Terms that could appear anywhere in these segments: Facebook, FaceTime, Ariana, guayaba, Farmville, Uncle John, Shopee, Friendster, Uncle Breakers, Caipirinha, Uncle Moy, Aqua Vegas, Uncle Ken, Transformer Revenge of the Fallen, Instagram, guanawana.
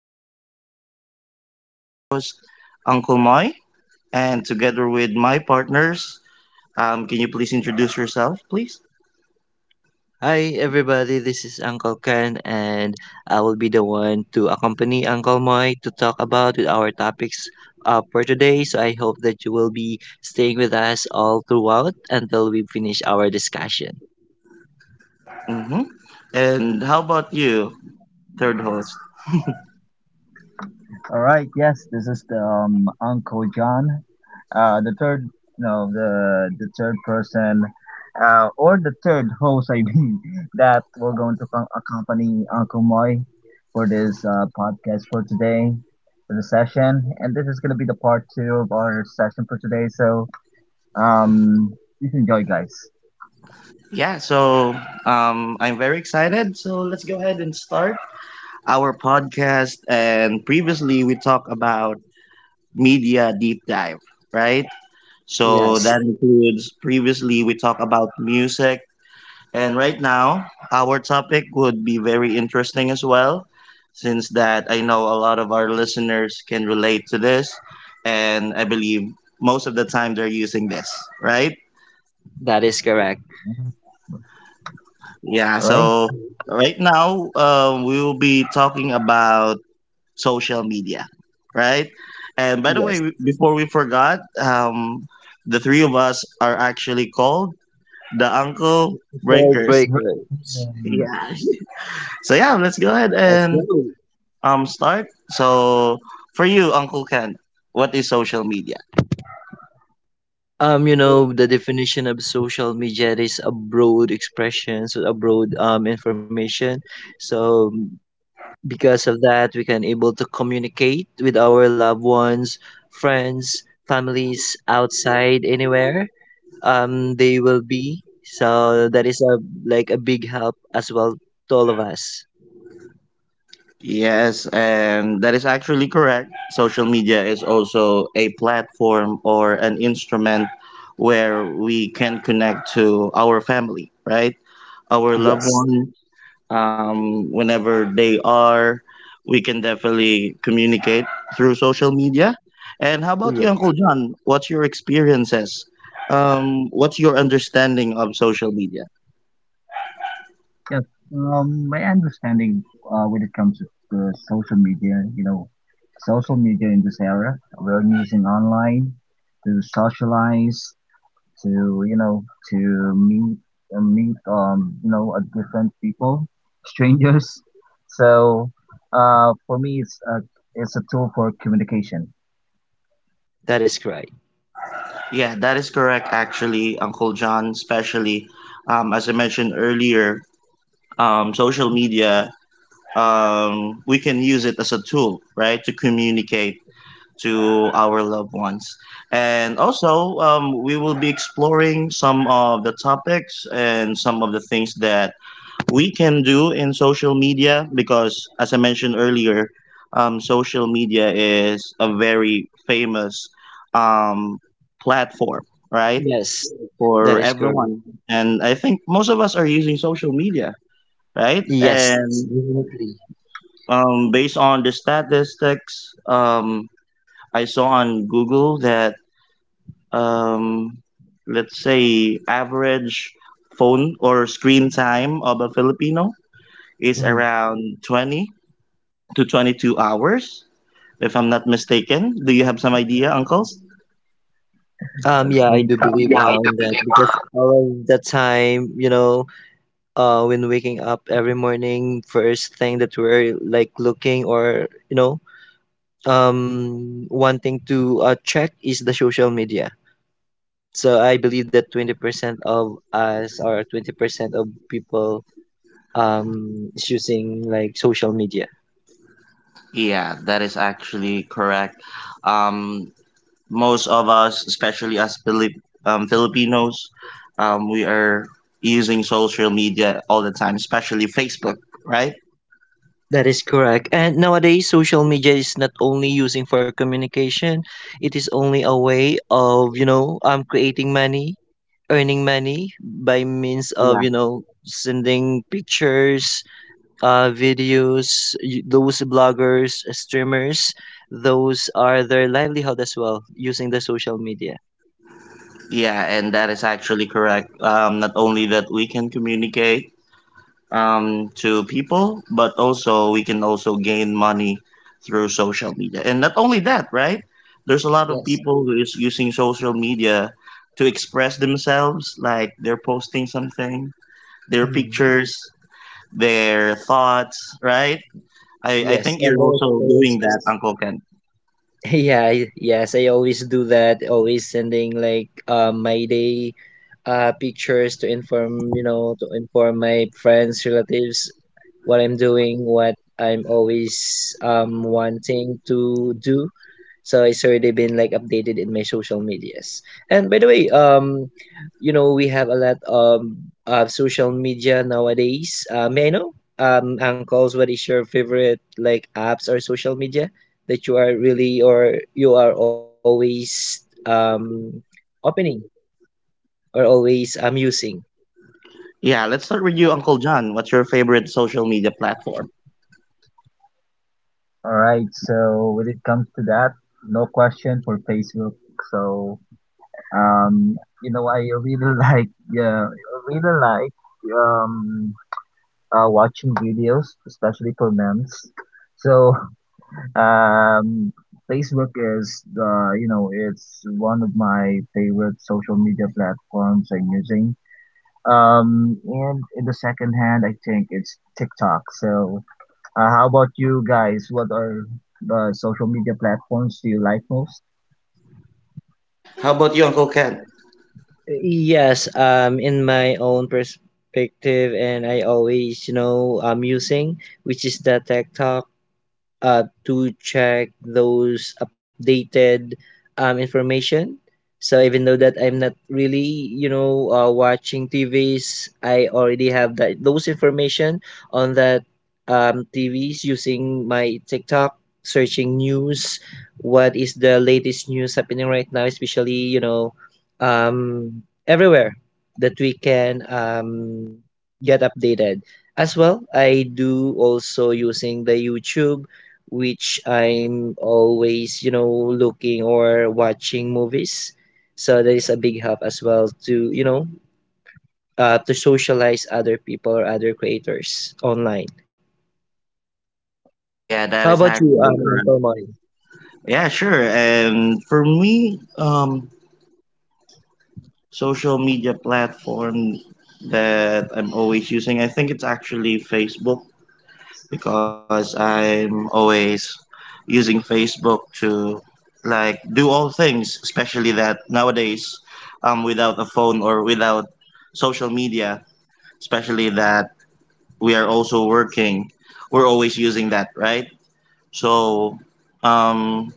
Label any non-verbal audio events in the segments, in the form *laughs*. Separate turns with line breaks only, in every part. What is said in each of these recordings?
And I will be your host, Uncle Moy. And together with my partners, can you please introduce yourself, please?
Hi, everybody. This is Uncle Ken, and I will be the one to accompany Uncle Moy to talk about with our topics for today. So I hope that you will be staying with us all throughout until we finish our discussion.
Mm-hmm. And how about you, third host?
All right. Yes, this is the Uncle John, the third, no, the third person, or the third host, I mean, *laughs* that we're going to accompany Uncle Moy for this podcast for today, for the session, and this is gonna be the part two of our session for today. So, um, please enjoy, guys.
Yeah, so I'm very excited. So let's go ahead and start our podcast. And previously, we talked about media deep dive, right? So
Yes,
that includes previously we talked about music. And right now, our topic would be very interesting as well, since that I know a lot of our listeners can relate to this, and I believe most of the time they're using this, right?
that is correct.
Yeah,
All
so right now, we will be talking about social media, right? And by the way,
Yes,
before we forgot, the three of us are actually called the Uncle
called
Breakers. *laughs*
right.
breakers.
Yeah. So yeah, let's go ahead
Let's
and
go.
start. So for you, Uncle Ken, what is social media?
You know, the definition of social media is a broad expression, so a broad information. So because of that, we can able to communicate with our loved ones, friends, families outside anywhere. They will be. So that is a like a big help as well to all of us.
Yes, and that is actually correct. Social media is also a platform or an instrument where we can connect to our family, right? Our loved
Yes.
one, whenever they are, we can definitely communicate through social media. And how about you, Uncle
Yes.
John? What's your experiences? What's your understanding of social media?
Yes, my understanding when it comes to the social media, you know, social media in this era, we're using online to socialize, to you know, to meet, you know, different people, *laughs* strangers. So, for me, it's a tool for communication.
That is correct.
Yeah, that is correct, actually, Uncle John, especially as I mentioned earlier, um, social media, we can use it as a tool, right, to communicate to our loved ones. And also, we will be exploring some of the topics and some of the things that we can do in social media because, as I mentioned earlier, social media is a very famous um, platform, right?
Yes. That
For
is correct.
everyone. And I think most of us are using social media, right?
Yes,
And
definitely.
based on the statistics, I saw on Google that um, let's say average phone or screen time of a Filipino is
Mm.
around 20 to 22 hours, if I'm not mistaken. Do you have some idea, uncles?
Yeah, I
Great.
do believe on that because all of the time, you know, when waking up every morning, first thing that we're like looking or, you know, one thing to check is the social media, so I believe that 20% of us or 20% of people is using like social media.
Yeah, that is actually correct. Um, Most of us, especially as Filipinos, we are using social media all the time, especially Facebook, right?
That is correct, and nowadays social media is not only using for communication, it is only a way of, you know, creating money, earning money by means of,
Yeah.
you know, sending pictures, videos, those bloggers, streamers, those are their livelihood as well using the social media.
Yeah, and that is actually correct. Not only that we can communicate to people, but also we can also gain money through social media. And not only that, right? There's a lot of
Yes.
people who is using social media to express themselves, like they're posting something, their
Mm.
pictures, their thoughts, right? I
Yes,
think
and
you're
their
also doing that,
experiences.
Uncle Ken.
*laughs* Yeah, yes, I always do that, always sending like my day pictures to inform, you know, to inform my friends, relatives what I'm doing, what I'm always wanting to do. So it's already been like updated in my social medias. And by the way, you know, we have a lot of social media nowadays. May I know, uncles, what is your favorite like apps or social media that you are really or you are always opening or always using?
Yeah, let's start with you, Uncle John. What's your favorite social media platform?
All right. So when it comes to that, no question for Facebook. So. Um, you know, I really *laughs* like yeah, I really like um watching videos, especially for memes. So um, Facebook is the you know it's one of my favorite social media platforms I'm using. And in the second hand, I think it's TikTok. So how about you guys? What are the social media platforms do you like most?
How about you, Uncle Ken?
Yes, in my own perspective, and I always, you know, using, which is the tech talk, to check those updated information. So even though that I'm not really, you know, watching TVs, I already have that those information on that TVs using my TikTok, searching news, what is the latest news happening right now, especially, you know, everywhere that we can get updated. As well, I do also using the YouTube, which I'm always, you know, looking or watching movies. So that is a big help as well to, you know, to socialize other people or other creators online.
Oh, yeah, that
How
is
about you,
actually correct.
Uncle Mori?
Yeah, sure. And for me, social media platform that I'm always using, I think it's actually Facebook. Because I'm always using Facebook to like do all things, especially that nowadays, without a phone or without social media, especially that we are also working, we're always using that, right? So, um,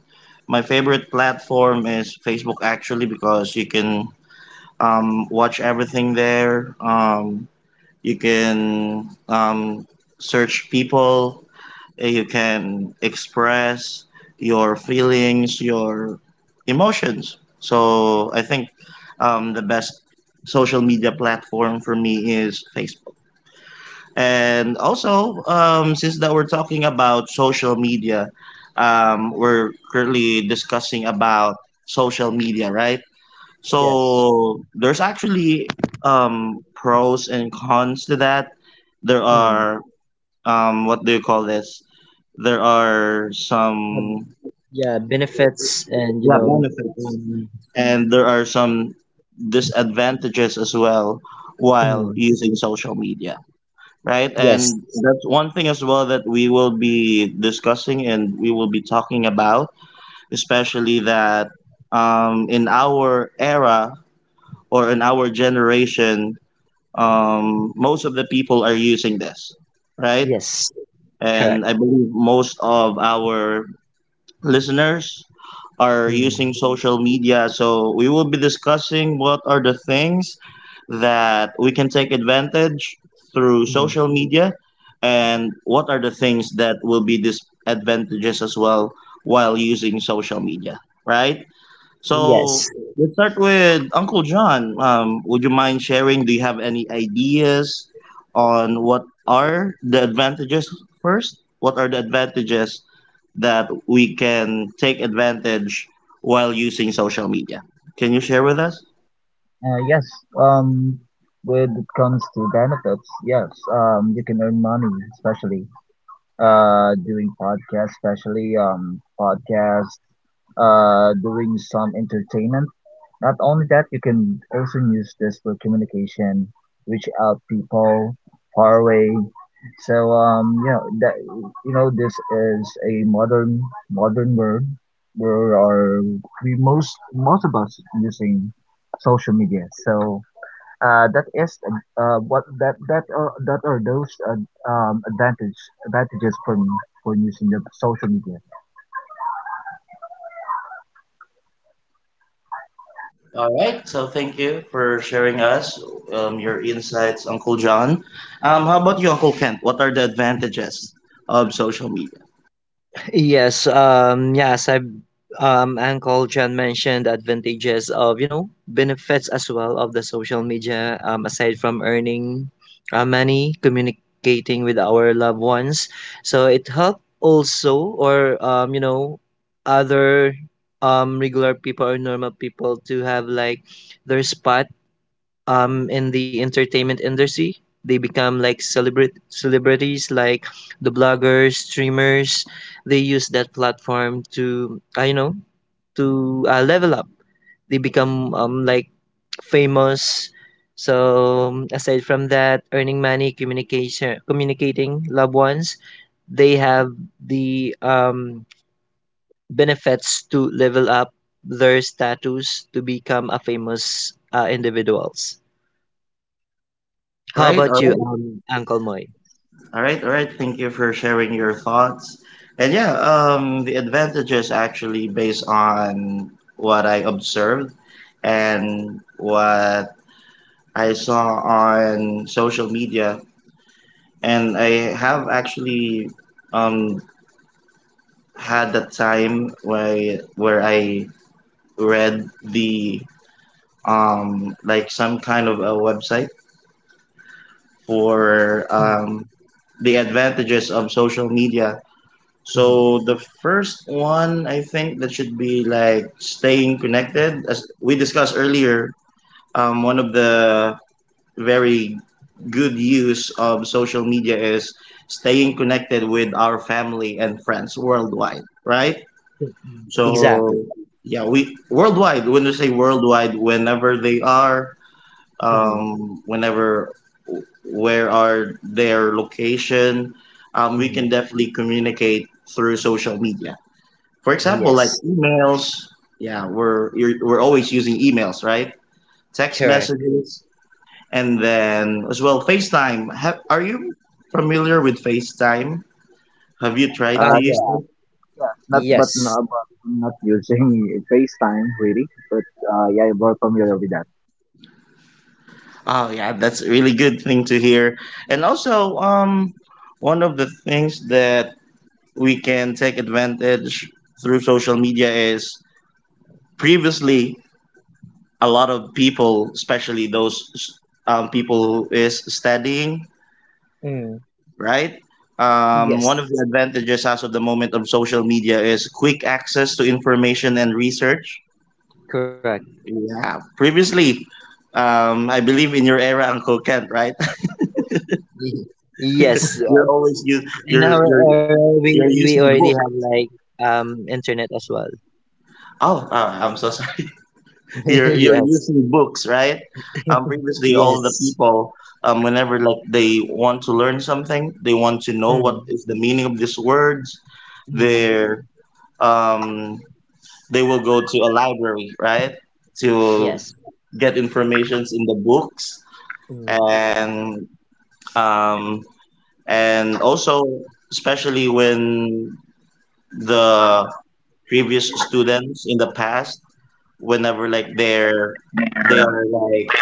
my favorite platform is Facebook actually because you can watch everything there. You can search people you can express your feelings, your emotions. So I think the best social media platform for me is Facebook. And also, since that we're talking about social media, we're currently discussing about social media, right?
Yes.
So there's actually pros and cons to that. There
Mm.
are what do you call this? There are
Um,
some
yeah, benefits, and, you
yeah
know,
benefits
um,
and there are some disadvantages as well while
mm,
using social media, right?
yes,
And that's one thing as well that we will be discussing and we will be talking about, especially that in our era or in our generation, most of the people are using this, right?
yes, correct.
And I believe most of our listeners are
Mm,
using social media. So we will be discussing what are the things that we can take advantage through
mm,
social media and what are the things that will be disadvantages as well while using social media, right? So
yes.
let's start with Uncle John. Would you mind sharing? Do you have any ideas on what are the advantages first? What are the advantages that we can take advantage while using social media? Can you share with us?
Uh, yes. Um, when it comes to benefits, yes. You can earn money, especially doing podcasts, especially podcasts, doing some entertainment. Not only that, you can also use this for communication, reach out people far away. So you know that you know this is a modern world where are we most of us using social media. So that is what that are those advantages for me for using the social media.
All right. So thank you for sharing us your insights, Uncle John. How about you, Uncle Kent? What are the advantages of social media?
Yes, I, Uncle John mentioned the advantages of, you know, benefits as well of the social media, aside from earning money, communicating with our loved ones. So it helped also or, you know, other regular people or normal people to have like their spot in the entertainment industry. They become like celebrities, like the bloggers, streamers. They use that platform to, you know, to, level up. They become like famous. So aside from that, earning money, communication, communicating loved ones, they have the benefits to level up their status to become a famous individuals.
All
How
right. All
about you,
right.
Uncle Moy?
All right, all right. Thank you for sharing your thoughts. And yeah, the advantages actually based on what I observed and what I saw on social media. And I have actually um, had the time where I read the like some kind of a website for
Mm,
the advantages of social media.
mhm,
So the first one, I think that should be like staying connected. As we discussed earlier, one of the very good use of social media is staying connected with our family and friends worldwide, right?
mm, mm.
So
Exactly.
yeah, we worldwide. When we say worldwide, whenever they are,
Mm,
whenever where are their location, we can
mm.
definitely communicate through social media. For example, like
Yes,
emails. Yeah, we're always using emails, right? Text
correct.
messages, and then as well FaceTime. Are you familiar with FaceTime? Have you tried to
Uh,
use
Yeah.
it?
yes, not but
Yes.
not, but not using *laughs* FaceTime really, but yeah, I'm more familiar with that.
Oh yeah, that's a really good thing to hear. And also, one of the things that we can take advantage through social media is previously a lot of people, especially those people who is studying,
Mm,
right? One of
yes,
the advantages as of the moment of social media is quick access to information and research.
correct.
Yeah, previously, I believe in your era, Uncle Kent, right?
*laughs* Y-
*laughs*
Yes.
you're always you
In
you're
our
you're
era,
you're
we
using
already
book.
have like internet as well.
Oh, I'm so sorry. *laughs*
*laughs*
You're
Yes.
using books, right? Previously, all the
Yes.
people, whenever like they want to learn something, they want to know what
Mm,
is the meaning of these words.
mm,
They're um, they will go to a library, right, to
yes.
get informations in the books
Mm.
and um, and also especially when the previous students in the past, whenever like they're they are like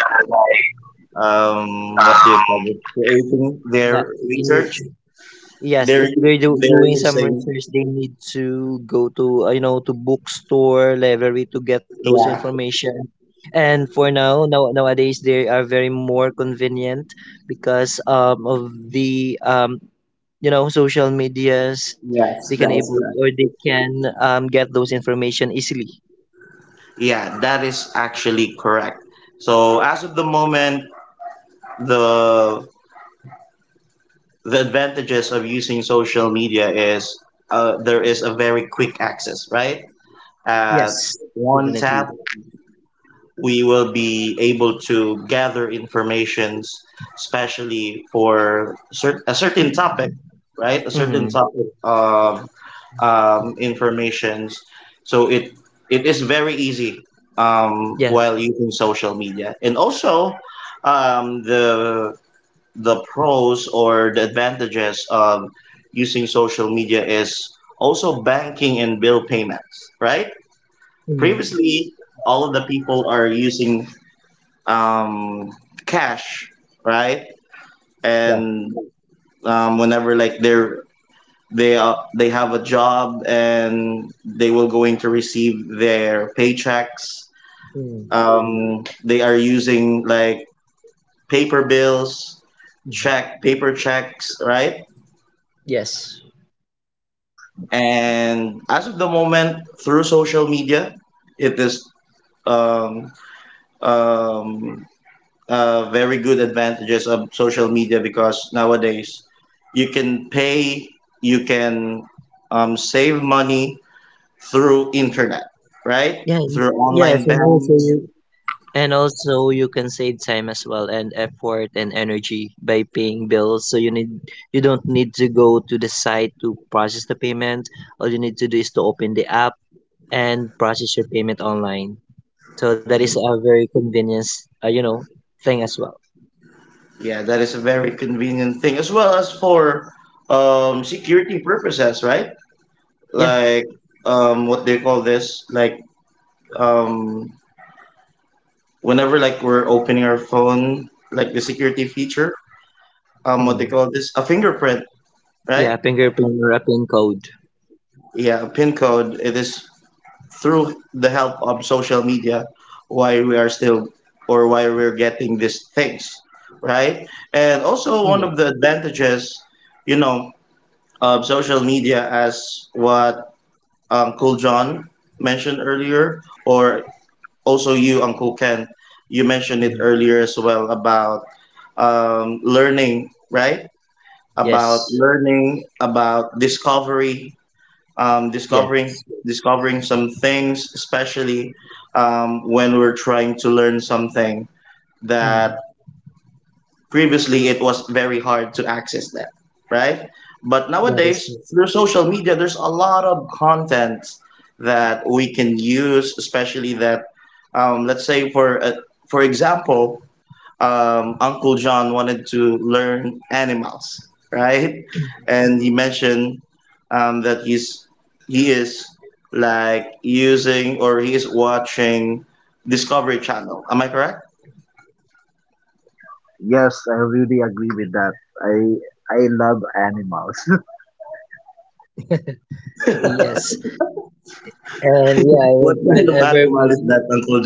what do you call it, creating their
That
research,
you Yes, if they're
they're
doing some
using
research, they need to go to, you know, to bookstore, library to get those
yeah.
information. And for now, nowadays they are very more convenient because of the you know, social medias. They can
Yes, that
able
is
or
correct.
they can get those information easily.
Yeah, that is actually correct. So as of the moment, the the advantages of using social media is there is a very quick access, right? At
Yes,
one tap,
definitely.
we will be able to gather informations, especially for a certain topic, right? A
Mm-hmm.
certain topic of informations. So it is very easy
Yeah.
while using social media, and also um, the the pros or the advantages of using social media is also banking and bill payments, right?
Mm-hmm.
Previously, all of the people are using um, cash, right?
Yeah.
And whenever like they have a job and they will going to receive their paychecks.
Mm-hmm.
They are using like paper bills,
Mm-hmm.
check paper checks, right?
Yes.
Yes,
And as of the moment, through social media, it is um, um, very good advantages of social media because nowadays you can pay, you can save money through internet, right?
Yeah.
Through online
Yes, and also you,
banks.
and also you can save time as well, and effort and energy by paying bills. So you need, you don't need to go to the site to process the payment. All you need to do is to open the app and process your payment online. So that is a very convenience, you know, thing as well.
Yeah, that is a very convenient thing as well as for security purposes, right?
Yeah.
Like what do you call this? Like um, whenever like we're opening our phone, like the security feature, what
Mm.
they call this, a fingerprint,
Yeah,
right?
fingerprint or a pin code.
Yeah, a pin code. It is through the help of social media why we are still or why we're getting these things, right? And also one
Yeah.
of the advantages, you know, of social media as what Cool John mentioned earlier, or also you, Uncle Ken, you mentioned it
Mm.
earlier as well about learning, right? About
Yes.
learning, about discovery, um, discovering,
Yes.
discovering some things, especially when we're trying to learn something
Mm.
that previously it was very hard to access that, right? But
That is
nowadays
it.
through social media there's a lot of content that we can use, especially that let's say for example, Uncle John wanted to learn animals, right? And he mentioned that he's he is like using or he is watching Discovery Channel, am I correct?
yes, I really agree with that. I I love animals. *laughs*
Yes. And yeah,
What kind of
whenever
animal is
we,
that, uncle?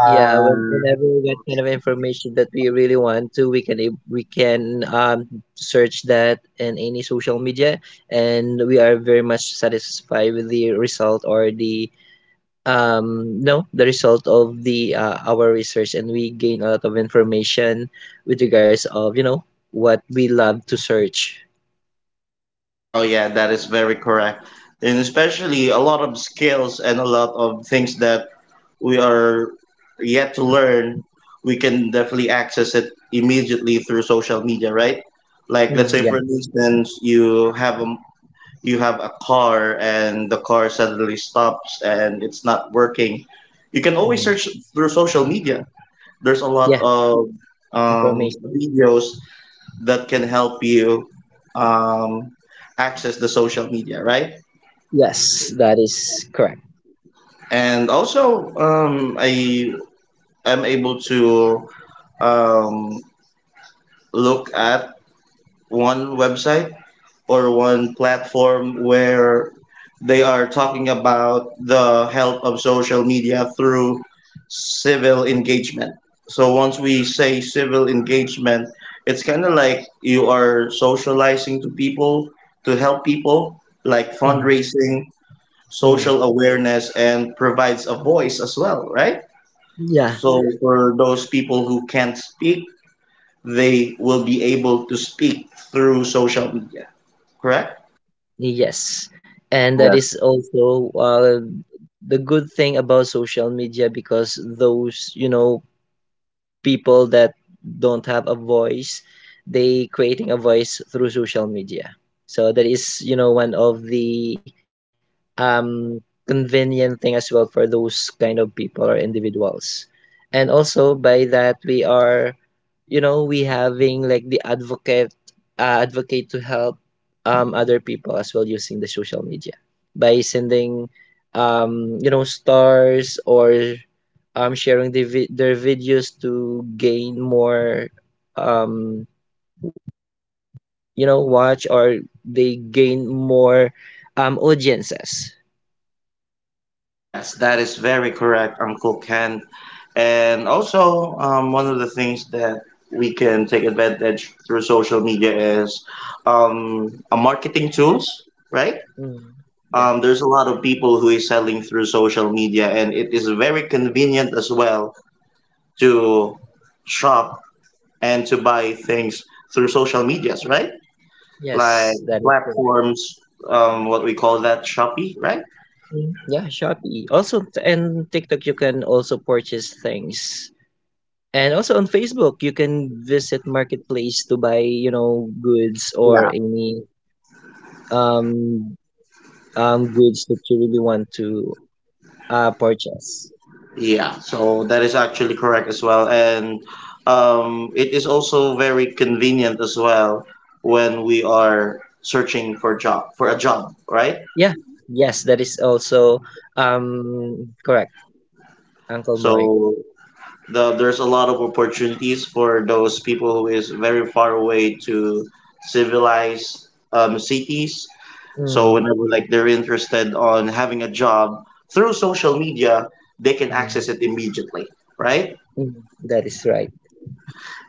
yeah, whenever we get kind of information that we really want to, we can search that in any social media, and we are very much satisfied with the result or the, no, the result of the, our research, and we gain a lot of information with regards of, you know, what we love to search.
Oh yeah, that is very correct. And especially a lot of skills and a lot of things that we are yet to learn, we can definitely access it immediately through social media, right? Like let's
Mm,
say
yeah,
for instance, you have a car and the car suddenly stops and it's not working. You can always
mm,
search through social media. There's a lot
yeah,
of
information.
videos that can help you um, access the social media, right?
Yes, that is correct.
And also, I am able to um, look at one website or one platform where they are talking about the help of social media through civil engagement. So once we say civil engagement, it's kind of like you are socializing to people to help people, like
Mm,
fundraising,
mm,
social awareness, and provides a voice as well, right?
yeah.
So for those people who can't speak, they will be able to speak through social media, correct?
Yes, and that
yes,
is also, the good thing about social media, because those, you know, people that don't have a voice, they creating a voice through social media. So that is, you know, one of the um convenient thing as well for those kind of people or individuals. And also by that, we are, you know, we having like the advocate, advocate to help other people as well using the social media, by sending, you know, stars or sharing the their videos to gain more, um you know, watch, or they gain more audiences.
Yes, that is very correct, Uncle Ken. And also, one of the things that we can take advantage through social media is a marketing tools, right?
Mm, yeah,
There's a lot of people who is selling through social media, and it is very convenient as well to shop and to buy things through social medias, right? Like
yes, that is correct.
platforms, what we call that Shopee, right?
Mm, yeah, shopee also, and tiktok, you can also purchase things. And also on facebook, you can visit marketplace to buy, you know, goods or any um goods that you really want to purchase.
Yeah, so that is actually correct as well. And it is also very convenient as well when we are searching for job for a job, right?
Yeah. Yes, that is also correct, Uncle Moy.
So there's a lot of opportunities for those people who is very far away to civilized cities. So
Mm,
whenever like they're interested on having a job through social media, they can
mm,
access it immediately, right?
mm, that is right.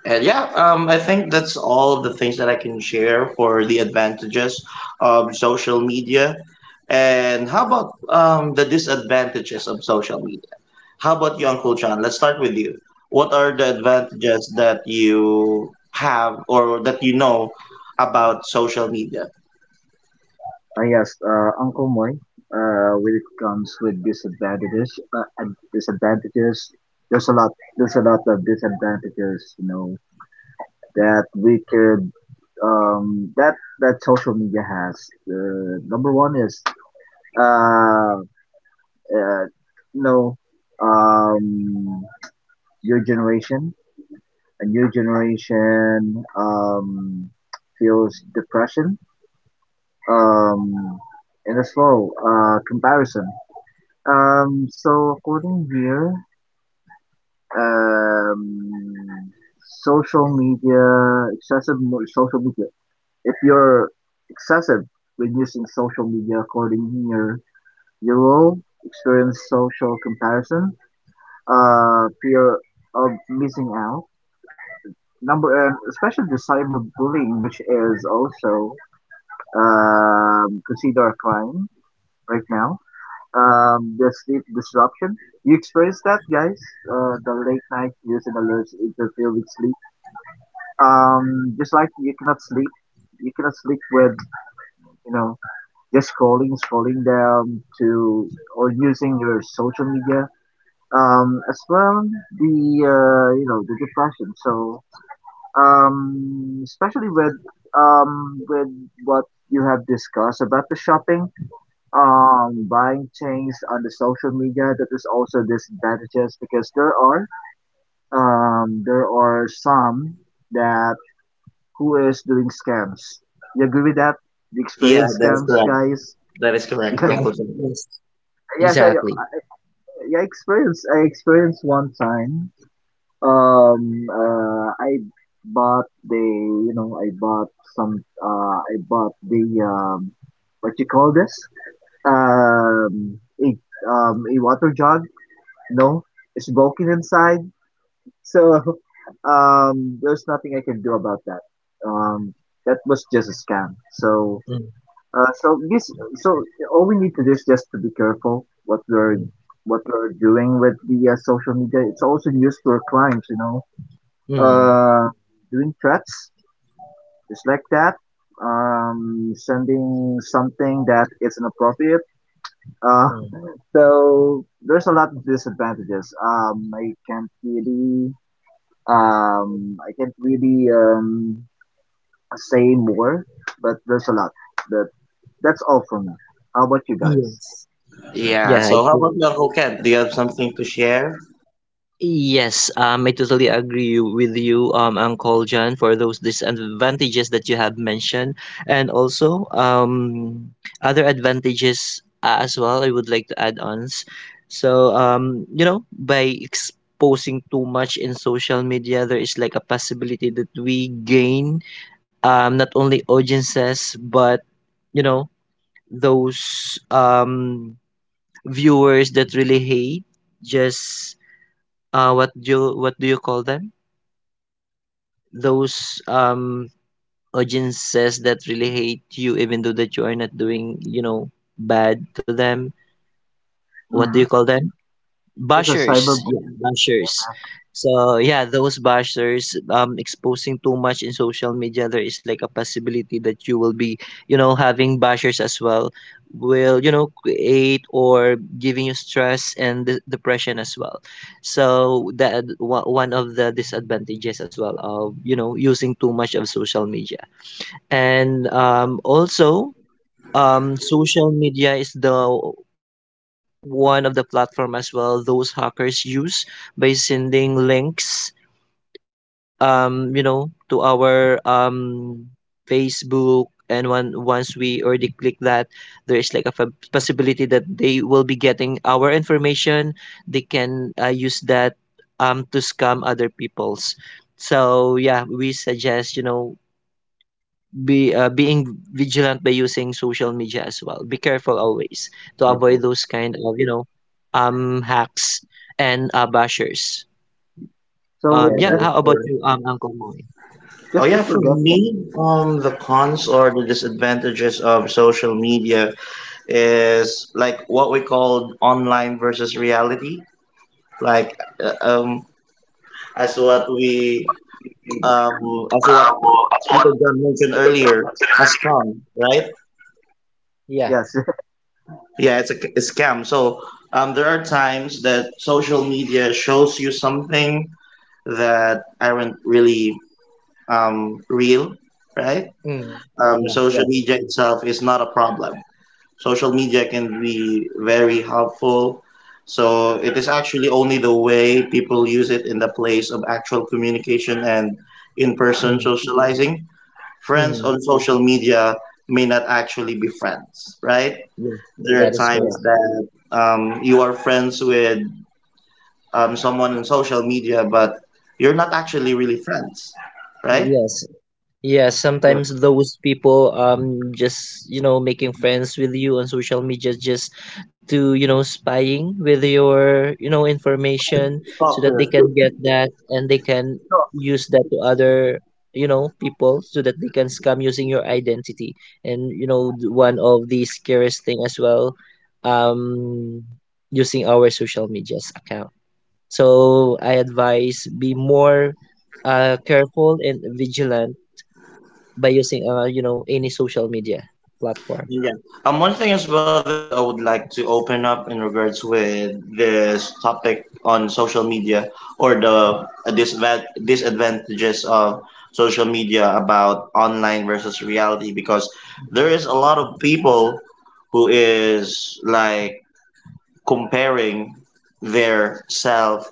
And yeah, I think that's all of the things that I can share for the advantages of social media. And how about the disadvantages of social media? How about you, Uncle John? Let's start with you. What are the advantages that you have or that you know about social media?
Yes, Uncle Moy, when it comes with disadvantages, disadvantages, there's a lot, there's a lot of disadvantages, you know, that we could, that, that social media has. Number one is, uh, uh, you know, um, your generation, a new generation, feels depression, um, and as well, comparison. So according here, um, social media, social media. If you're excessive when using social media, according here, you will experience social comparison, fear of missing out, number, and especially the cyberbullying, which is also considered a crime right now. Um, the sleep disruption. You experience that, guys? The late night views and alerts interfere with sleep. Just like you cannot sleep with you know just scrolling, scrolling down to or using your social media. As well the you know the depression. So especially with with what you have discussed about the shopping buying things on the social media. That is also disadvantages because there are some that who is doing scams. You agree with that? You
Yeah,
experience
that is
scams,
correct.
guys?
That is correct,
*laughs*
Yeah.
Uncle John.
Yes.
Yes, i
Exactly.
i experienced, I experienced one time, I bought the you know I bought some I bought the what you call this, um a a water jug. No, it's broken inside. So *laughs* there's nothing I can do about that. Um, that was just a scam. So
Mm,
so this so all we need to do is just to be careful
mm,
what we're doing with the social media. It's also used for crimes, you know,
mm,
uh, doing threats just like that, sending something that is inappropriate. Uh,
mm.
*laughs* so there's a lot of disadvantages. I can't really say more, but there's a lot. But that's all from me. How about you guys?
Yes.
Yeah,
Yeah, I
so how about
do
you, Uncle Ken? Do you have something to share?
Yes, I totally agree with you, Uncle John, for those disadvantages that you have mentioned, and also other advantages as well. I would like to add on. So, you know, by exposing too much in social media, there is like a possibility that we gain, not only audiences but, you know, those, viewers that really hate, just, what do you call them? Those audiences that really hate you, even though that you are not doing, you know, bad to them. What do you
Mm-hmm.
call them?
This is
Bashers, yeah,
cyberbullying. Yeah,
bashers. So yeah, those bashers exposing too much in social media, there is like a possibility that you will be, you know, having bashers as well, will, you know, create or giving you stress and depression as well. So that one of the disadvantages as well of, you know, using too much of social media. And also, social media is the one of the platform as well those hackers use by sending links, you know, to our facebook, and when once we already click that, there is like a possibility that they will be getting our information. They can, use that to scam other people's. So yeah, we suggest, you know, be, being vigilant by using social media as well. Be careful always to avoid
purple.
those kind of, you know, hacks and, bashers.
Yeah,
So
Yeah.
that is
How about
correct.
you, Uncle Moy?
Oh
just to
yeah, for
forget that.
me, the cons or the disadvantages of social media is like what we call online versus reality. Like, uh, um, as what we, um, as what Peter John mentioned earlier, a scam, right?
Yes, *laughs*
Yeah, it's a scam. So, there are times that social media shows you something that aren't really, real, right? Social
yes,
media itself is not a problem, social media can be very helpful. So it is actually only the way people use it in the place of actual communication and in person
Mm,
socializing. Friends
mm,
on social media may not actually be friends, right?
yeah,
There are
that is
times
correct.
yes,
that you are friends with someone on social media, but you're not actually really friends, right?
Yes, yeah,
yes.
sometimes those people just, you know, making friends with you on social media just to, you know, spying with your, you know, information so that they can get that, and they can
No,
use that to other, you know, people so that they can scam using your identity. And you know, one of the scariest thing as well, um using our social media's account. So I advise be more careful and vigilant by using, you know, any social media platform.
Yeah. One thing as well that I would like to open up in regards with this topic on social media or the disadvantages of social media about online versus reality because there is a lot of people who is like comparing their self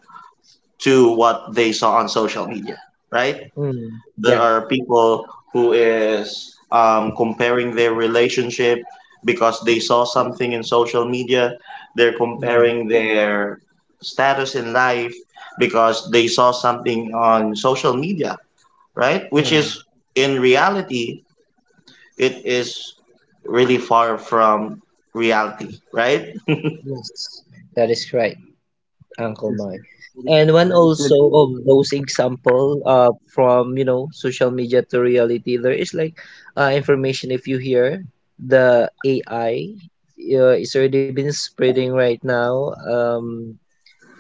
to what they saw on social media, right?
Mm,
There
yeah.
are people who is comparing their relationship because they saw something in social media, they're
Mm,
comparing their status in life because they saw something on social media, right, which
mm,
is in reality, it is really far from reality, right?
yes, that is correct. Uncle
it's
Mike. And one
it's a
also of those example, from, you know, social media to reality, there is like, information, if you hear the AI, it's already been
Yes,
spreading right now,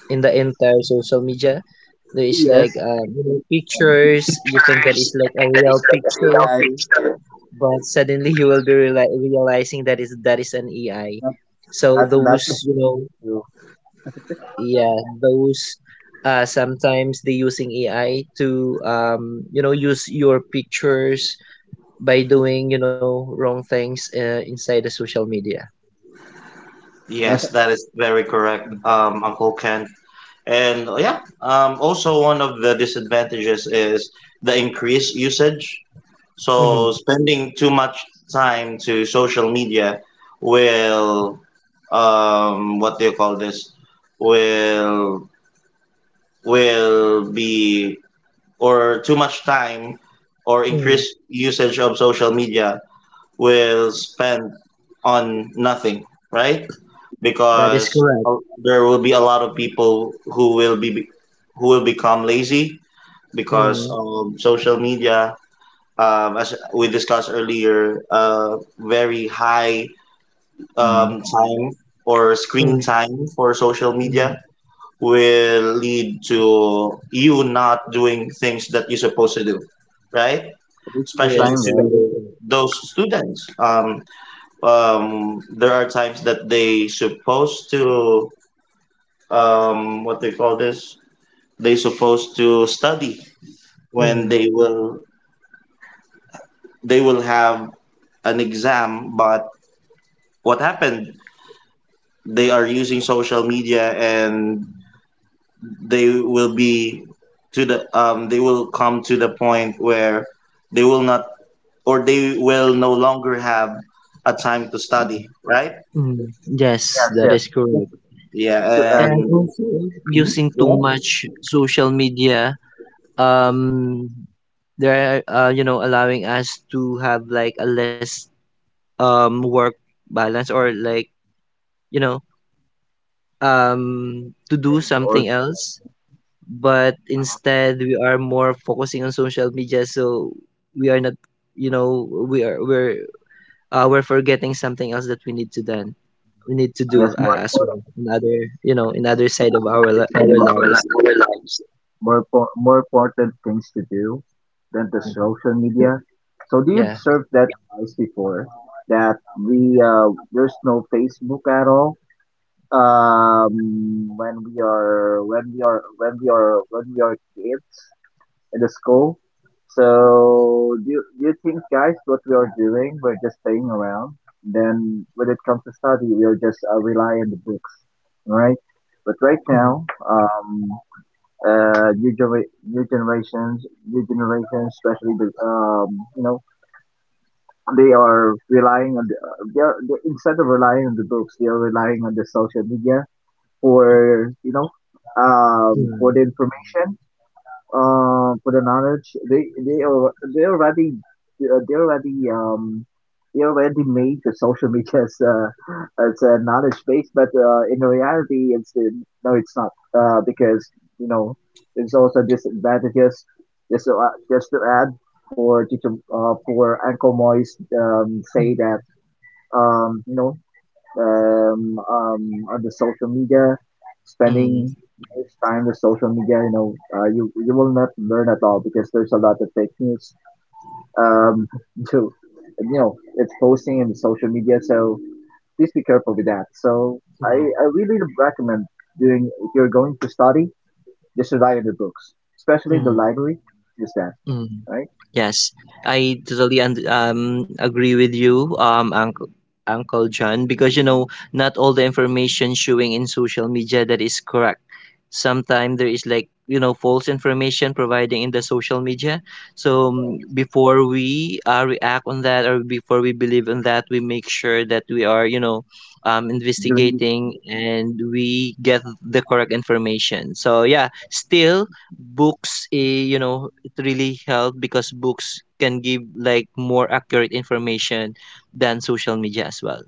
in the entire social media. There is like,
yes.
you know, pictures. You think that is
First,
like
I
a
think that
real
is like a real
pictures,
AI, picture.
but suddenly *laughs* you will be realizing that is an AI.
Not,
So
not
those you know,
true.
yeah, those, sometimes they using ai to, you know, use your pictures by doing, you know, wrong things, inside the social media.
yes, that is very correct, Uncle Ken. And also one of the disadvantages is the increased usage. So
Mm-hmm.
spending too much time to social media will, what do you call this? Will be or too much time or
mm
increased usage of social media will spend on nothing, right?
that is
Because
correct.
there will be a lot of people who will be, who will become lazy because
Mm,
social media, as we discussed earlier, very high
Mm.
time or screen
mm,
time for social media
mm,
will lead to you not doing things that you're supposed to do, right?
*laughs* Wasting
Especially
time,
yes,
right?
that is
to
correct.
those students, there are times that they supposed to, what they call this, they supposed to study when
Mm,
they will, they will have an exam, but what happened, they are using social media and they will be to they will come to the point where they will not or they will no longer have a time to
Mm.
study, right?
mm, yes,
Yes,
that
yes.
is
Just
correct.
Yeah,
just to add,
And
and
also, if
Mhm.
using too
Go
much social media, um they're allowing us to have like a less work balance, or like you know to do
save
something
or
else. But instead, we are more focusing on social media, so we are not, we are we're forgetting something else that we need to done. We need to do,
yes, more
as well,
important.
another you know another side of our li-
Excited
our
about our,
lives.
our lives. More, more important things to do than the
Mm.
social media. So do you
Yeah.
observe that advice before that we there's no Facebook at all? When we are when we are when we are when we are kids, in the school. So do you think, guys, what we are doing, we're just playing around. Then when it comes to study, we are just rely on the books, right? But right now,
Mm.
new, new generations, especially the, you know, they are relying on the, instead of relying on the books, they are relying on the social media for, you know, for
Mm.
the information for the knowledge. They already they already they already made the social media as a knowledge base, but in reality, it's no, it's not because you know there's also disadvantages. Just to add for teacher for Uncle Moist say
Mm.
that um, you know um, um, on the social media,
Mm.
spending his time with social media, you know, you you will not learn at all because there's a lot of fake news. Um, *laughs* to you know, it's posting in the social media, so please be careful with that. So
Yeah.
I really recommend doing if you're going to study, just rely on the books, especially in the
Mm.
library. Just that,
Mm.
right?
Yes, I totally und agree with you, Uncle John, because not all the information showing in social media that is correct. Sometimes there is like false information providing in the social media. So
Yeah.
before we react on that, or before we believe in that, we make sure that we are,
Doing it
investigating, and we get the correct information. So yeah, still books, really help, because books can give like more accurate information than social media as well.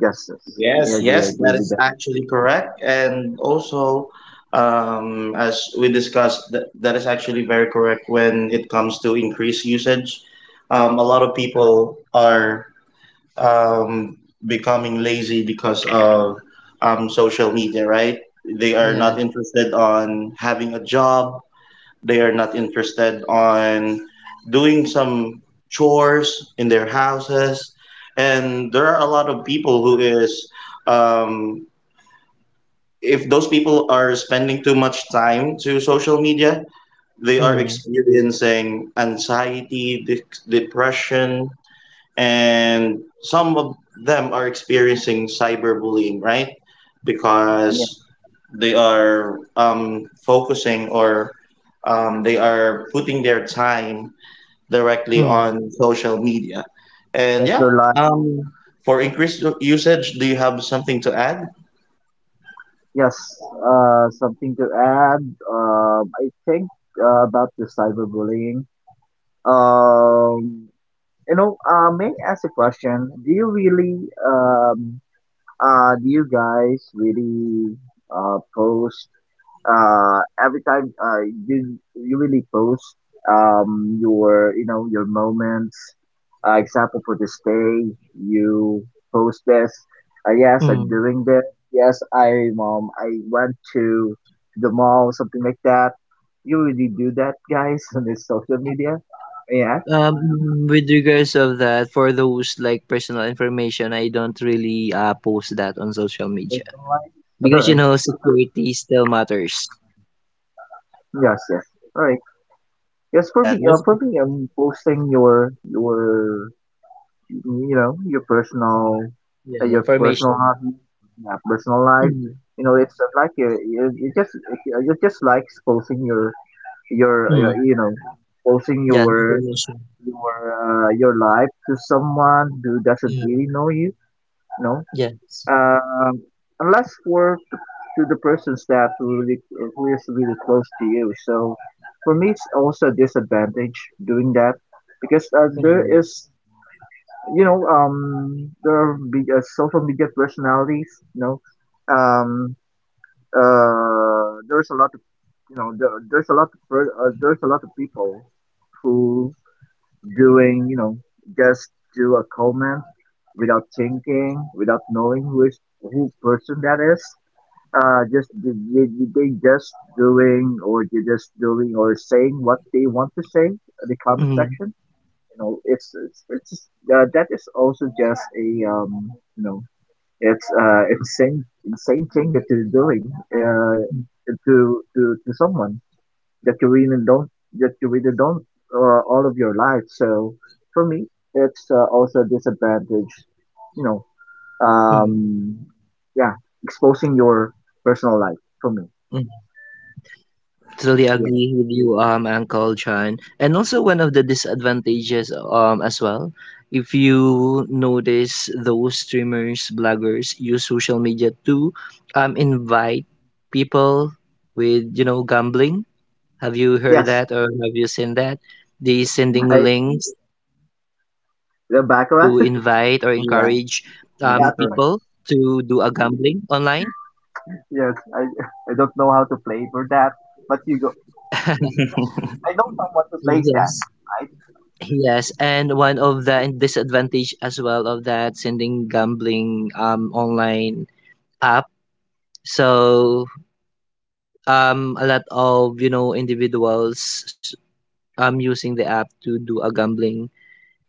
justice.
Yes,
I agree. I
yes,
agree
that
with
is
that.
actually correct. And also, as we discussed, that is actually very correct when it comes to increased usage. A lot of people are um, becoming lazy because of social media, right? They are
Yeah.
not interested on having a job, they are not interested on doing some chores in their houses, and there are a lot of people who is um, if those people are spending too much time to social media, they are
Mm,
experiencing anxiety, depression, and some of them are experiencing cyberbullying, right?
Yeah,
Because they are focusing or they are putting their time directly
mm,
on social media. And
just
yeah,
rely.
um, for increased usage, do you have something to add?
Yes, something to add. I think about the cyberbullying. Um, you know, may I ask a question? Do you really, do you guys really post every time you you really post your you know your moments, example for this day you post this, yes I'm
mm.
doing this, yes I went to the mall, something like that. You really do that, guys? *laughs* On this social media. Yeah,
With regards of that, for those like personal information, I don't really post that on social media,
personal life. All
because
right.
security still matters.
*laughs* Yes, yes. All right. Yes, for
Yeah,
me,
that's,
for me I'm posting your you know your
Mm.
personal,
Yeah,
your personal
information.
hobby, yeah, personal life.
Mm.
You know it's just like you just you just like exposing your
Mm.
you know exposing
Yeah, information.
your your life to someone who doesn't
Mm.
really know you, you know,
Yes.
um unless for to the persons that who really who is really close to you. So for me it's also a disadvantage doing that, because there
Mm.
is you know, there are big, social media personalities. You know, um, there's a lot of, you know, there's a lot of people who doing, you know, just do a comment without thinking, without knowing who is who person that is. Just they just doing or they just doing or saying what they want to say in the comment
Mm.
section. You know it's just, that is also just a you know it's insane thing that you're doing uh
Mm.
to to to someone that you really don't all of your life. So for me it's also a disadvantage, you know, um
Mm.
yeah, exposing your personal life, for me.
Mm. Totally
yeah,
agree with you, Uncle John. And also, one of the disadvantages, as well, if you notice those streamers, bloggers use social media to, invite people with, gambling. Have you heard
Yes,
that, or have you seen that? They sending
I
links to invite or
the
encourage,
backlash.
people
yeah,
to
*laughs*
that is
That,
do a
correct.
gambling online.
yes, I *laughs* I don't know how to play for that, but you go.
*laughs*
*laughs*
I know someone to place
Yes.
that. I
Yes, and one of the disadvantage as well of that sending gambling online app. So a lot of individuals using the app to do a gambling,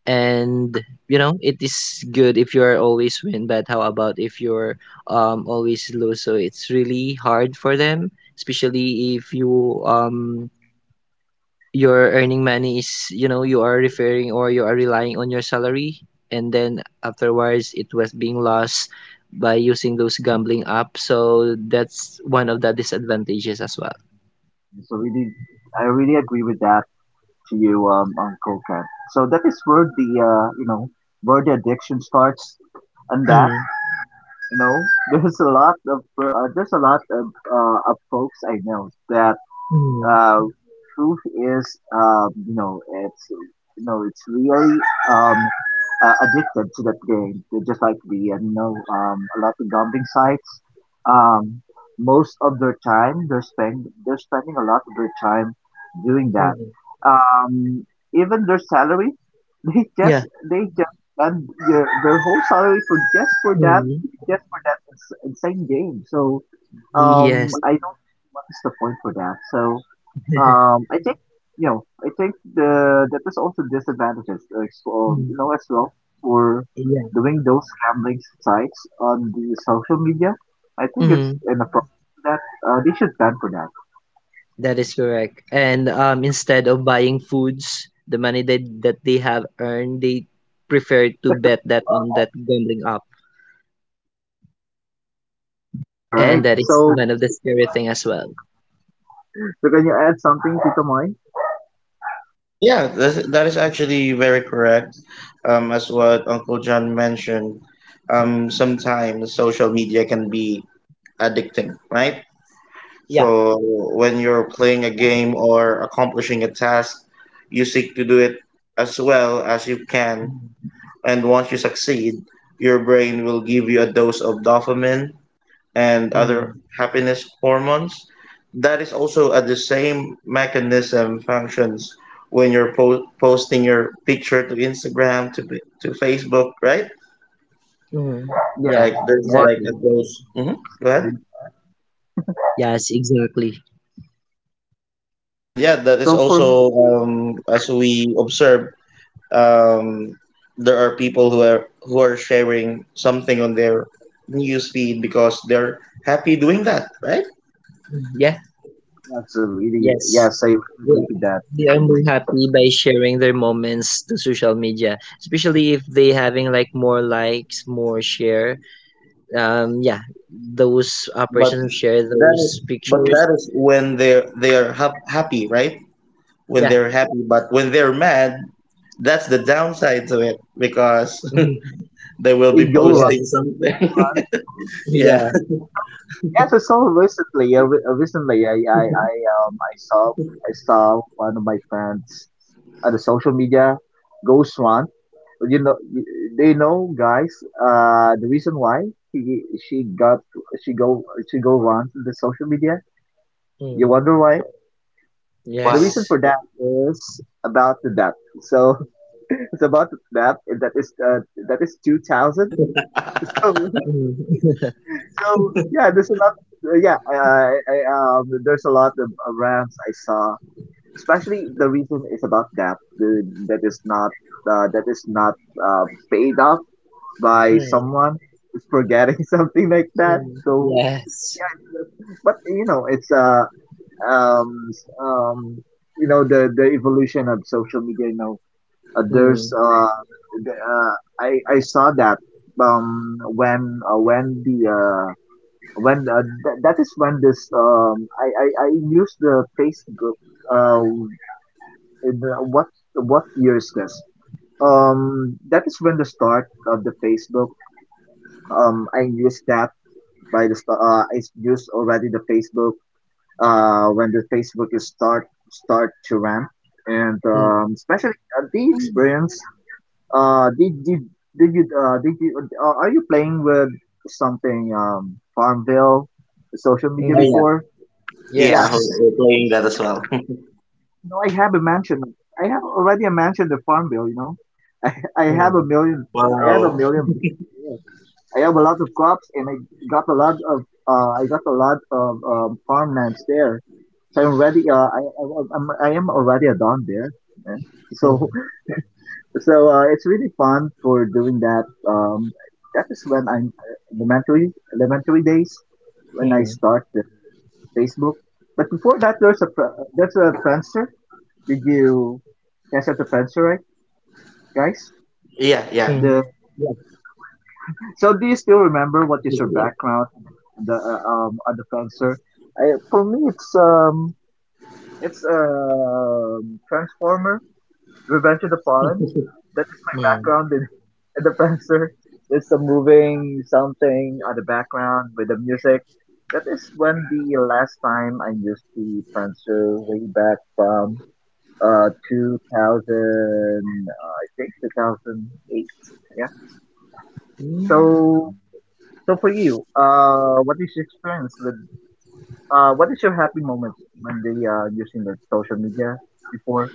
and it is good if you're always win, but how about if you're always lose, so it's really hard for them, especially if you your earning money is, you are referring, or you are relying on your salary, and then afterwards it was being lost by using those gambling apps, so that's one of the disadvantages as well.
so really, I really agree with that, to you, Uncle Ken. So that is where the you know, where the addiction starts, and that
Mm,
you know, *laughs* there's a lot of of folks I know that
mm,
uh, truth is, you know, it's really um, addicted to that game. They're just like the you know a lot of gambling sites. Um, most of their time they're spending a lot of their time doing that.
mm.
Um, even their salary, *laughs* they just
Yeah.
they just spend their whole salary for just for that,
Mm,
just for that insane game. So
yes.
I don't what is the point for that? So
*laughs*
I think you know, I think the that is also disadvantages
Mm,
as well for
yeah.
doing those gambling sites on the social media. I think it's
Mm,
inappropriate for that, they should ban for that.
that is correct. And instead of buying foods, the money that they have earned, they prefer to bet that on that gambling app.
All right.
And that is
So,
one of the scary thing as well.
so can you add something to the mind?
Yeah, that's, that is actually very correct. As what Uncle John mentioned, sometimes social media can be addicting, right?
Yeah.
So when you're playing a game or accomplishing a task, you seek to do it as well as you can.
Mhm,
And once you succeed, your brain will give you a dose of dopamine, and other
mhm,
happiness hormones that is also at the same mechanism functions when you're posting your picture to Instagram, to Facebook, right?
mhm.
Yes,
Yeah,
Like there's
more.
like
exactly.
a those. Hmm. Go ahead.
Gambling.
Yes, exactly.
And yeah, that is
So for me,
also as we observe, um, there are people who are sharing something on their news feed because they're happy doing that, right?
Mhm. Yeah,
that's a really,
yes.
yes, I really
They
agree
are,
with that.
they
Tito
are more
Moy.
happy by sharing their moments to social media, especially if they having like more likes, more share. Yeah, those
But
persons who share
that
those
is but
pictures.
that is when they're, they are happy, right? When
Yeah.
they're happy, but when they're mad, that's the downside to it because
*laughs* Mhm.
*laughs* they will
It
be
go
Yes.
posting
wrong. It go
something.
wrong.
*laughs*
Yeah.
Yeah.
Yes, I saw him recently. Recently, I saw one of my friends on the social media, Ghost One. You know, y- they know, guys. The reason why he, she got, she go, she go run to the social media. You
Mm.
wonder why?
Yeah.
The
Why?
reason
Yes.
for that is about the debt. So *laughs* it's about the debt, and that is 2,000. *laughs* So
Mm.
So yeah, there's a lot. There's a lot of rants I saw. Especially the reason is about that is not uh, that is not uh, paid off by
Mm.
someone is forgetting *laughs* something like that.
Mm. *laughs*
So yeah,
Yes.
it's- but you know um s- um you know the evolution of social media. Uh, there's
Mm.
uh, the, uh I saw that when the when th- that is when this I use the Facebook uh in the, what year is this? That is when the start of the Facebook. I use that by the I used already the Facebook when the Facebook is start to ramp and
Mm.
especially the
Mm.
experience. Uh did you Are you playing with something Farmville social media
Oh,
Mm.
yeah.
before?
Yeah.
Yeah
Yes.
We're playing that as well. *laughs*
No, I have a mansion. I have already a mansion in Farmville, you know. *laughs* I have a
Mm.
million. I have a
Wow.
million. Yeah. I have a lot of crops, and I got a lot of farmlands there. So I'm ready. I am already a don there. Yeah. So
Mm.
so it's really fun for doing that. That is when I'm elementary days when I
Mm.
start the Facebook. But before that, there's a there's a Friendster. Did you guys have the answer, right, guys?
Yeah. Yeah.
The
Mm. Yeah,
so do you still remember what is
easier.
your background on the fencer? For me, it's Transformer Revenge of the Fallen.
*laughs*
That is my
Mm.
background in, *laughs* in the fencer. There's some moving something on the background with the music. That is when the last time I used the fencer way back from. 2000, I think 2008. Yeah.
Mm.
So, so for you, what is your experience with, what is your happy moments when they are using the social media before?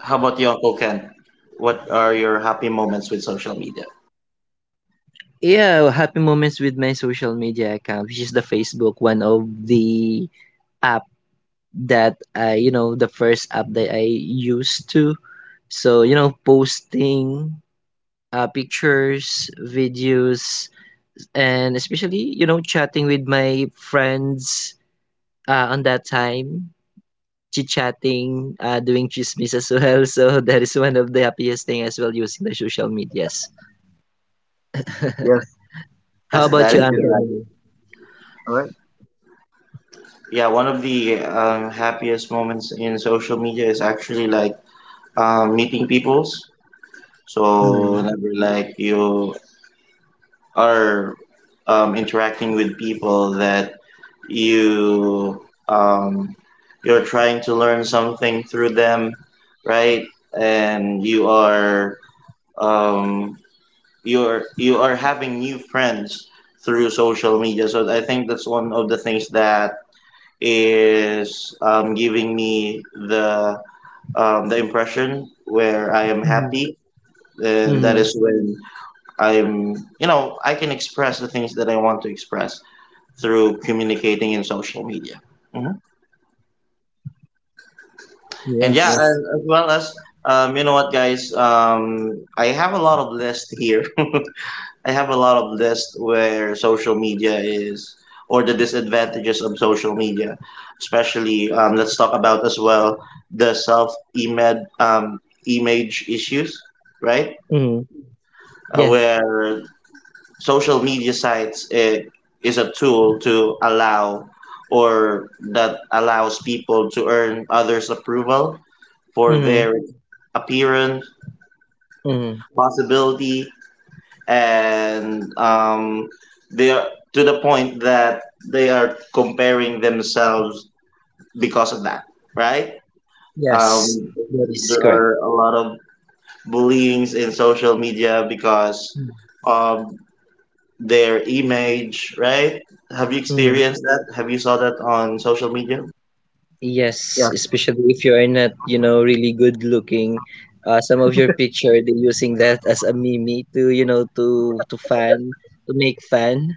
How about you, Uncle Ken? What are your happy moments with social media?
Yeah, happy moments with my social media account, which is the Facebook, one of the app that the first app that I used to. So, posting, pictures, videos, and especially, chatting with my friends, on that time, chit-chatting, doing chismis as well. *laughs* So that is one of the happiest thing as well using the social medias. *laughs*
Yes,
How
Yes, that
about you,
that's
is
good.
Uncle
correct.
Mel?
All right.
Yeah, one of the happiest moments in social media is actually like meeting peoples. So
Mm.
whenever like you are interacting with people that you um, you're trying to learn something through them, right? And you are um, you're you are having new friends through social media. So I think that's one of the things that is giving me the impression where I am
Mhm.
happy, and that
Mhm.
is when I'm, you know, I can express the things that I want to express through communicating in social media. Mhm. And yeah,
Yes.
Yes.
and as well as you know what guys, I have a lot of list here, *laughs* I have a lot of list where social media is or the disadvantages of social media, especially let's talk about as well the self um, image issues, right?
Mhm. Yeah.
Where social media sites, it is a tool to allow or that allows people to earn others approval for
Mhm.
their appearance
Mhm.
possibility, and they are to the point that they are comparing themselves because of that, right?
Yes,
um,
that is
there
correct.
are a lot of bullyings in social media because of their image, right? Have you
Mm.
experienced that? Have you saw that on social media?
Yes,
Yeah.
especially if you are not, really good looking. Some of your picture they're using that as a meme to, to fan to make fun.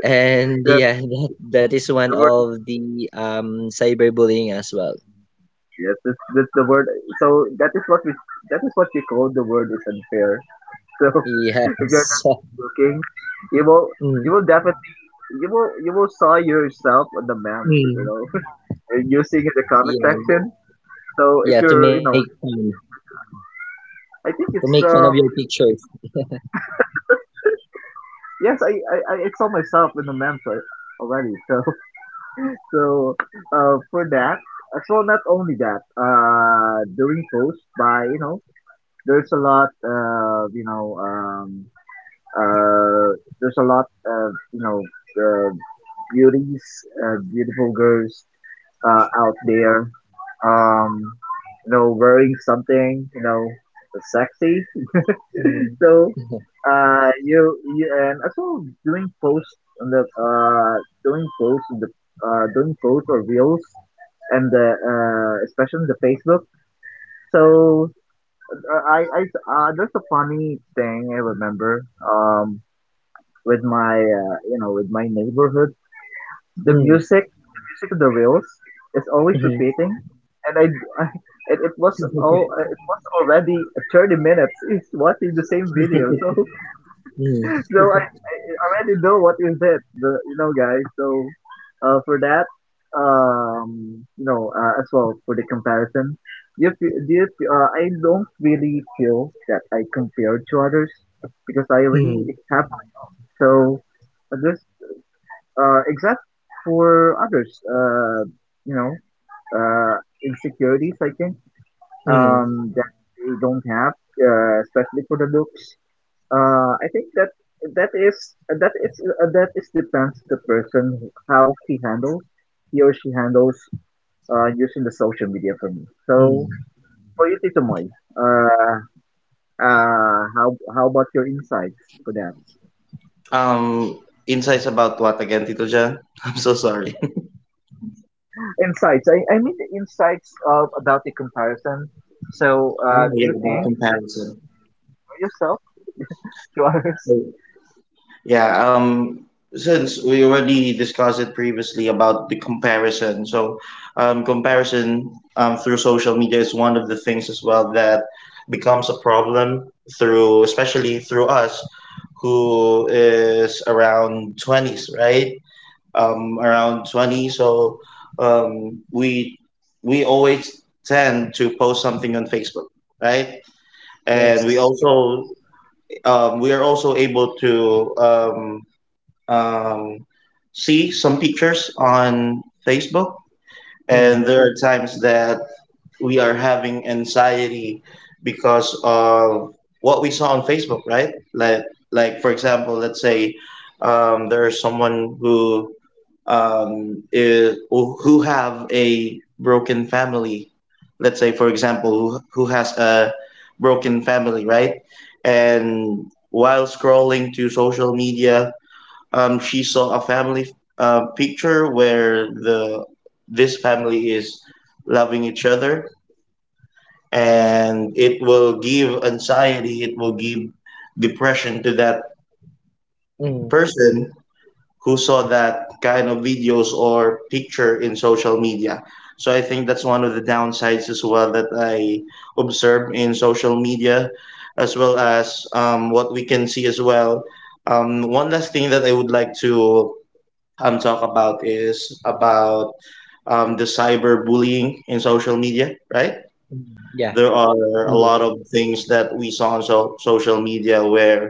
And
The,
yeah, *laughs* that is one
the word.
of the cyberbullying as well.
Yes. That's the word. So that is that is what you call the word is unfair. So *laughs* if you're
Yes.
not
*laughs*
looking, you will,
Mm.
you will definitely, you will saw yourself on the man. You
Mm.
know, using in the
Yeah,
comment
th-
section. So
yeah,
if you're, you know, I
to
think
make
it's
fun of your pictures.
yes, I saw myself in the memes already. *laughs* So so for that, as well not only that, during posts by you know there's a lot uh there's a lot of uh, beauties, beautiful girls out there, um you know, wearing something, you know, sexy. *laughs*
Mm.
So,
*laughs*
uh, you, you and also doing posts on the doing posts on the doing posts or reels and the especially on the Facebook. So I that's a funny thing I remember with my you know, with my neighborhood,
Mhm,
the music of the reels is always
mm,
repeating, and *laughs* I, it was all it was already 30 minutes is watching the same video. *laughs*
mhm, mm,
I already know what is it, the, you know, guys. So, for that, you know, as well for the comparison, you fe- do you, fe- I don't really feel that I compare to others because I
mm,
already have my own. So, uh, this, except for others, you know, insecurities, I think,
mm,
that they don't have, especially for the looks. I think that that is that is that is depends the person how he handles, he or she handles, using the social media for me. So
mm.
for you, Tito Moy, uh, how about your insights for that?
Um, Insights about what again, Tito Jan? *laughs* I'm so sorry. *laughs*
Insights. I mean the insights of about the comparison. So
Oh
do
yeah,
you
about
think
comparison.
for yourself *laughs* to others?
Yeah, since we already discussed it previously about the comparison, so comparison through social media is one of the things as well that becomes a problem through, especially through us who is around 20s, right? Around 20. So we we always tend to post something on Facebook, right? And we
Yes.
also we are also able to um, see some pictures on Facebook. And
Mm,
there are times that we are having anxiety because of what we saw on Facebook, right? Like for example, let's say there's someone who who have a broken family. Let's say, for example, who has a broken family, right? And while scrolling to social media, she saw a family picture where the this family is loving each other, and it will give anxiety, it will give depression to that
mm,
person who saw that kind of videos or picture in social media. So I think that's one of the downsides as well that I observe in social media, as well as what we can see as well. One last thing that I would like to talk about is about the cyberbullying in social media, right?
mm. Yeah.
There are a
Totally.
lot of things that we saw on social media where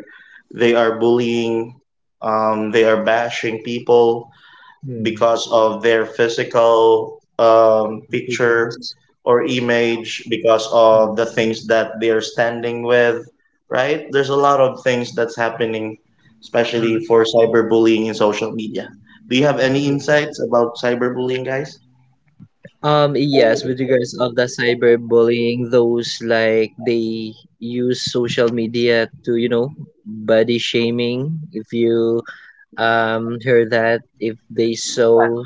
they are bullying, they are bashing people,
Mm,
because of their physical
totally.
picture or image, because of
Mm.
the things that they're standing with, right? There's a lot of things that's happening, especially
Mhm.
for cyberbullying in social media. Do you have any
Yeah.
insights about cyberbullying, guys?
Yes, with regards of the cyberbullying, those like they use social media to, body shaming. If you heard that, if they saw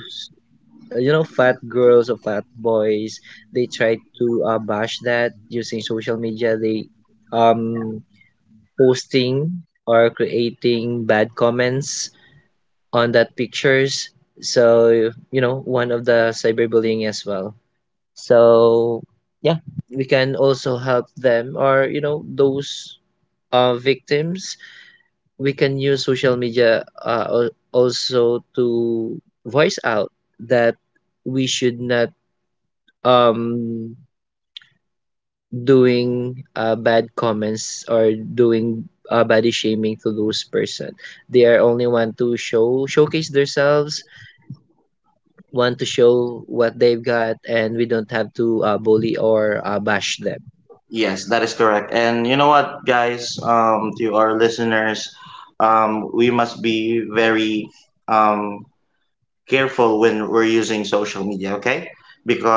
fat girls or fat boys, they try to bash that using social media. They um posting or creating bad comments on that pictures. So one of the cyberbullying as well. So yeah, we can also help them, or those victims. We can use social media also to voice out that we should not um doing bad comments, or doing body shaming to those person. They are only want to showcase themselves, want to show what they've got, and we don't have to bully or bash them.
Yes, that is correct. And you know what, guys, to our listeners, we must be very um, careful when we're using social media, okay?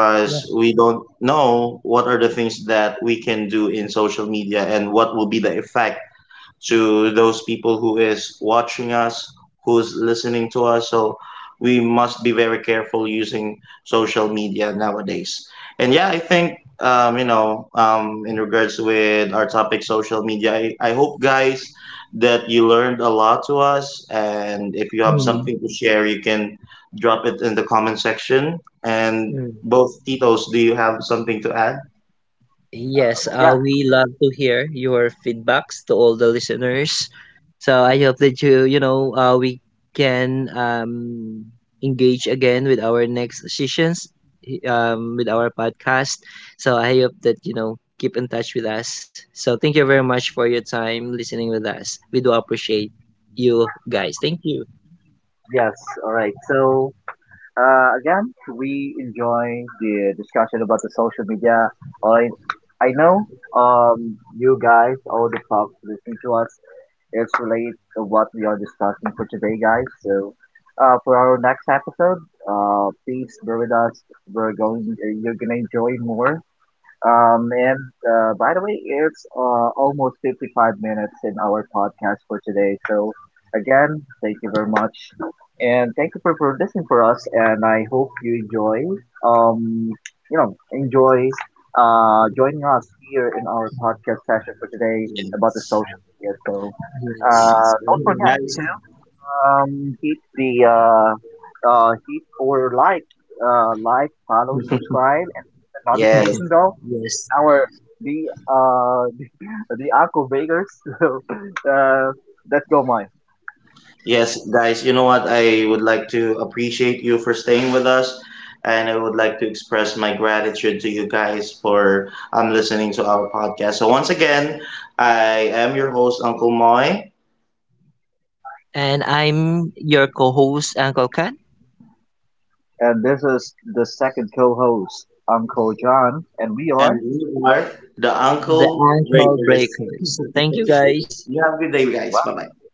Yeah.
we don't know what are the things that we can do in social media and what will be the effect to those people who is watching us, who's listening to us. So we must be very careful using social media nowadays. And yeah, I think you know in regards with our topic, social media. I hope guys that you learned a lot to us. And if you have
Mm.
something to share, you can drop it in the comment section. And both Titos, do you have something to add?
Yes,
Yeah.
we love to hear your feedbacks to all the listeners. So I hope that we can engage again with our next sessions, with our podcast. So I hope that keep in touch with us. So thank you very much for your time listening with us. We do appreciate you guys. Thank you.
Yes. All right. So, again, we enjoy the discussion about the social media. I, I know, you guys, all the folks listening to us, is relate to what we are discussing for today, guys. So, for our next episode, please bear with us. We're going, you're gonna enjoy more uh, man, by the way, it's almost 55 minutes in our podcast for today. So, again, thank you very much. And thank you for listening for us. And I hope you enjoy, um, you know, enjoy, joining us here in our podcast session for today about the
Yes.
social media. So,
Yes.
Yes.
don't forget
Mm.
Guys.
to hit the hit or like, follow, subscribe, and the
*laughs* Yes.
notification
*laughs*
bell
Yes.
our the *laughs* the Aqua Vegas. *laughs* So, uh, let's go, Mike.
Yes, guys, you know what? I would like to appreciate you for staying with us. And I would like to express my gratitude to you guys for listening to our podcast. So, once again, I am your host, Uncle Moy,
And I'm your co-host, Uncle Kat.
And this is the second co-host, Uncle John, and we
and
are.
we are the
The
Uncle
ankle
Breakers.
breakers. Thank
*laughs*
you guys.
You have a good day, guys. Bye bye.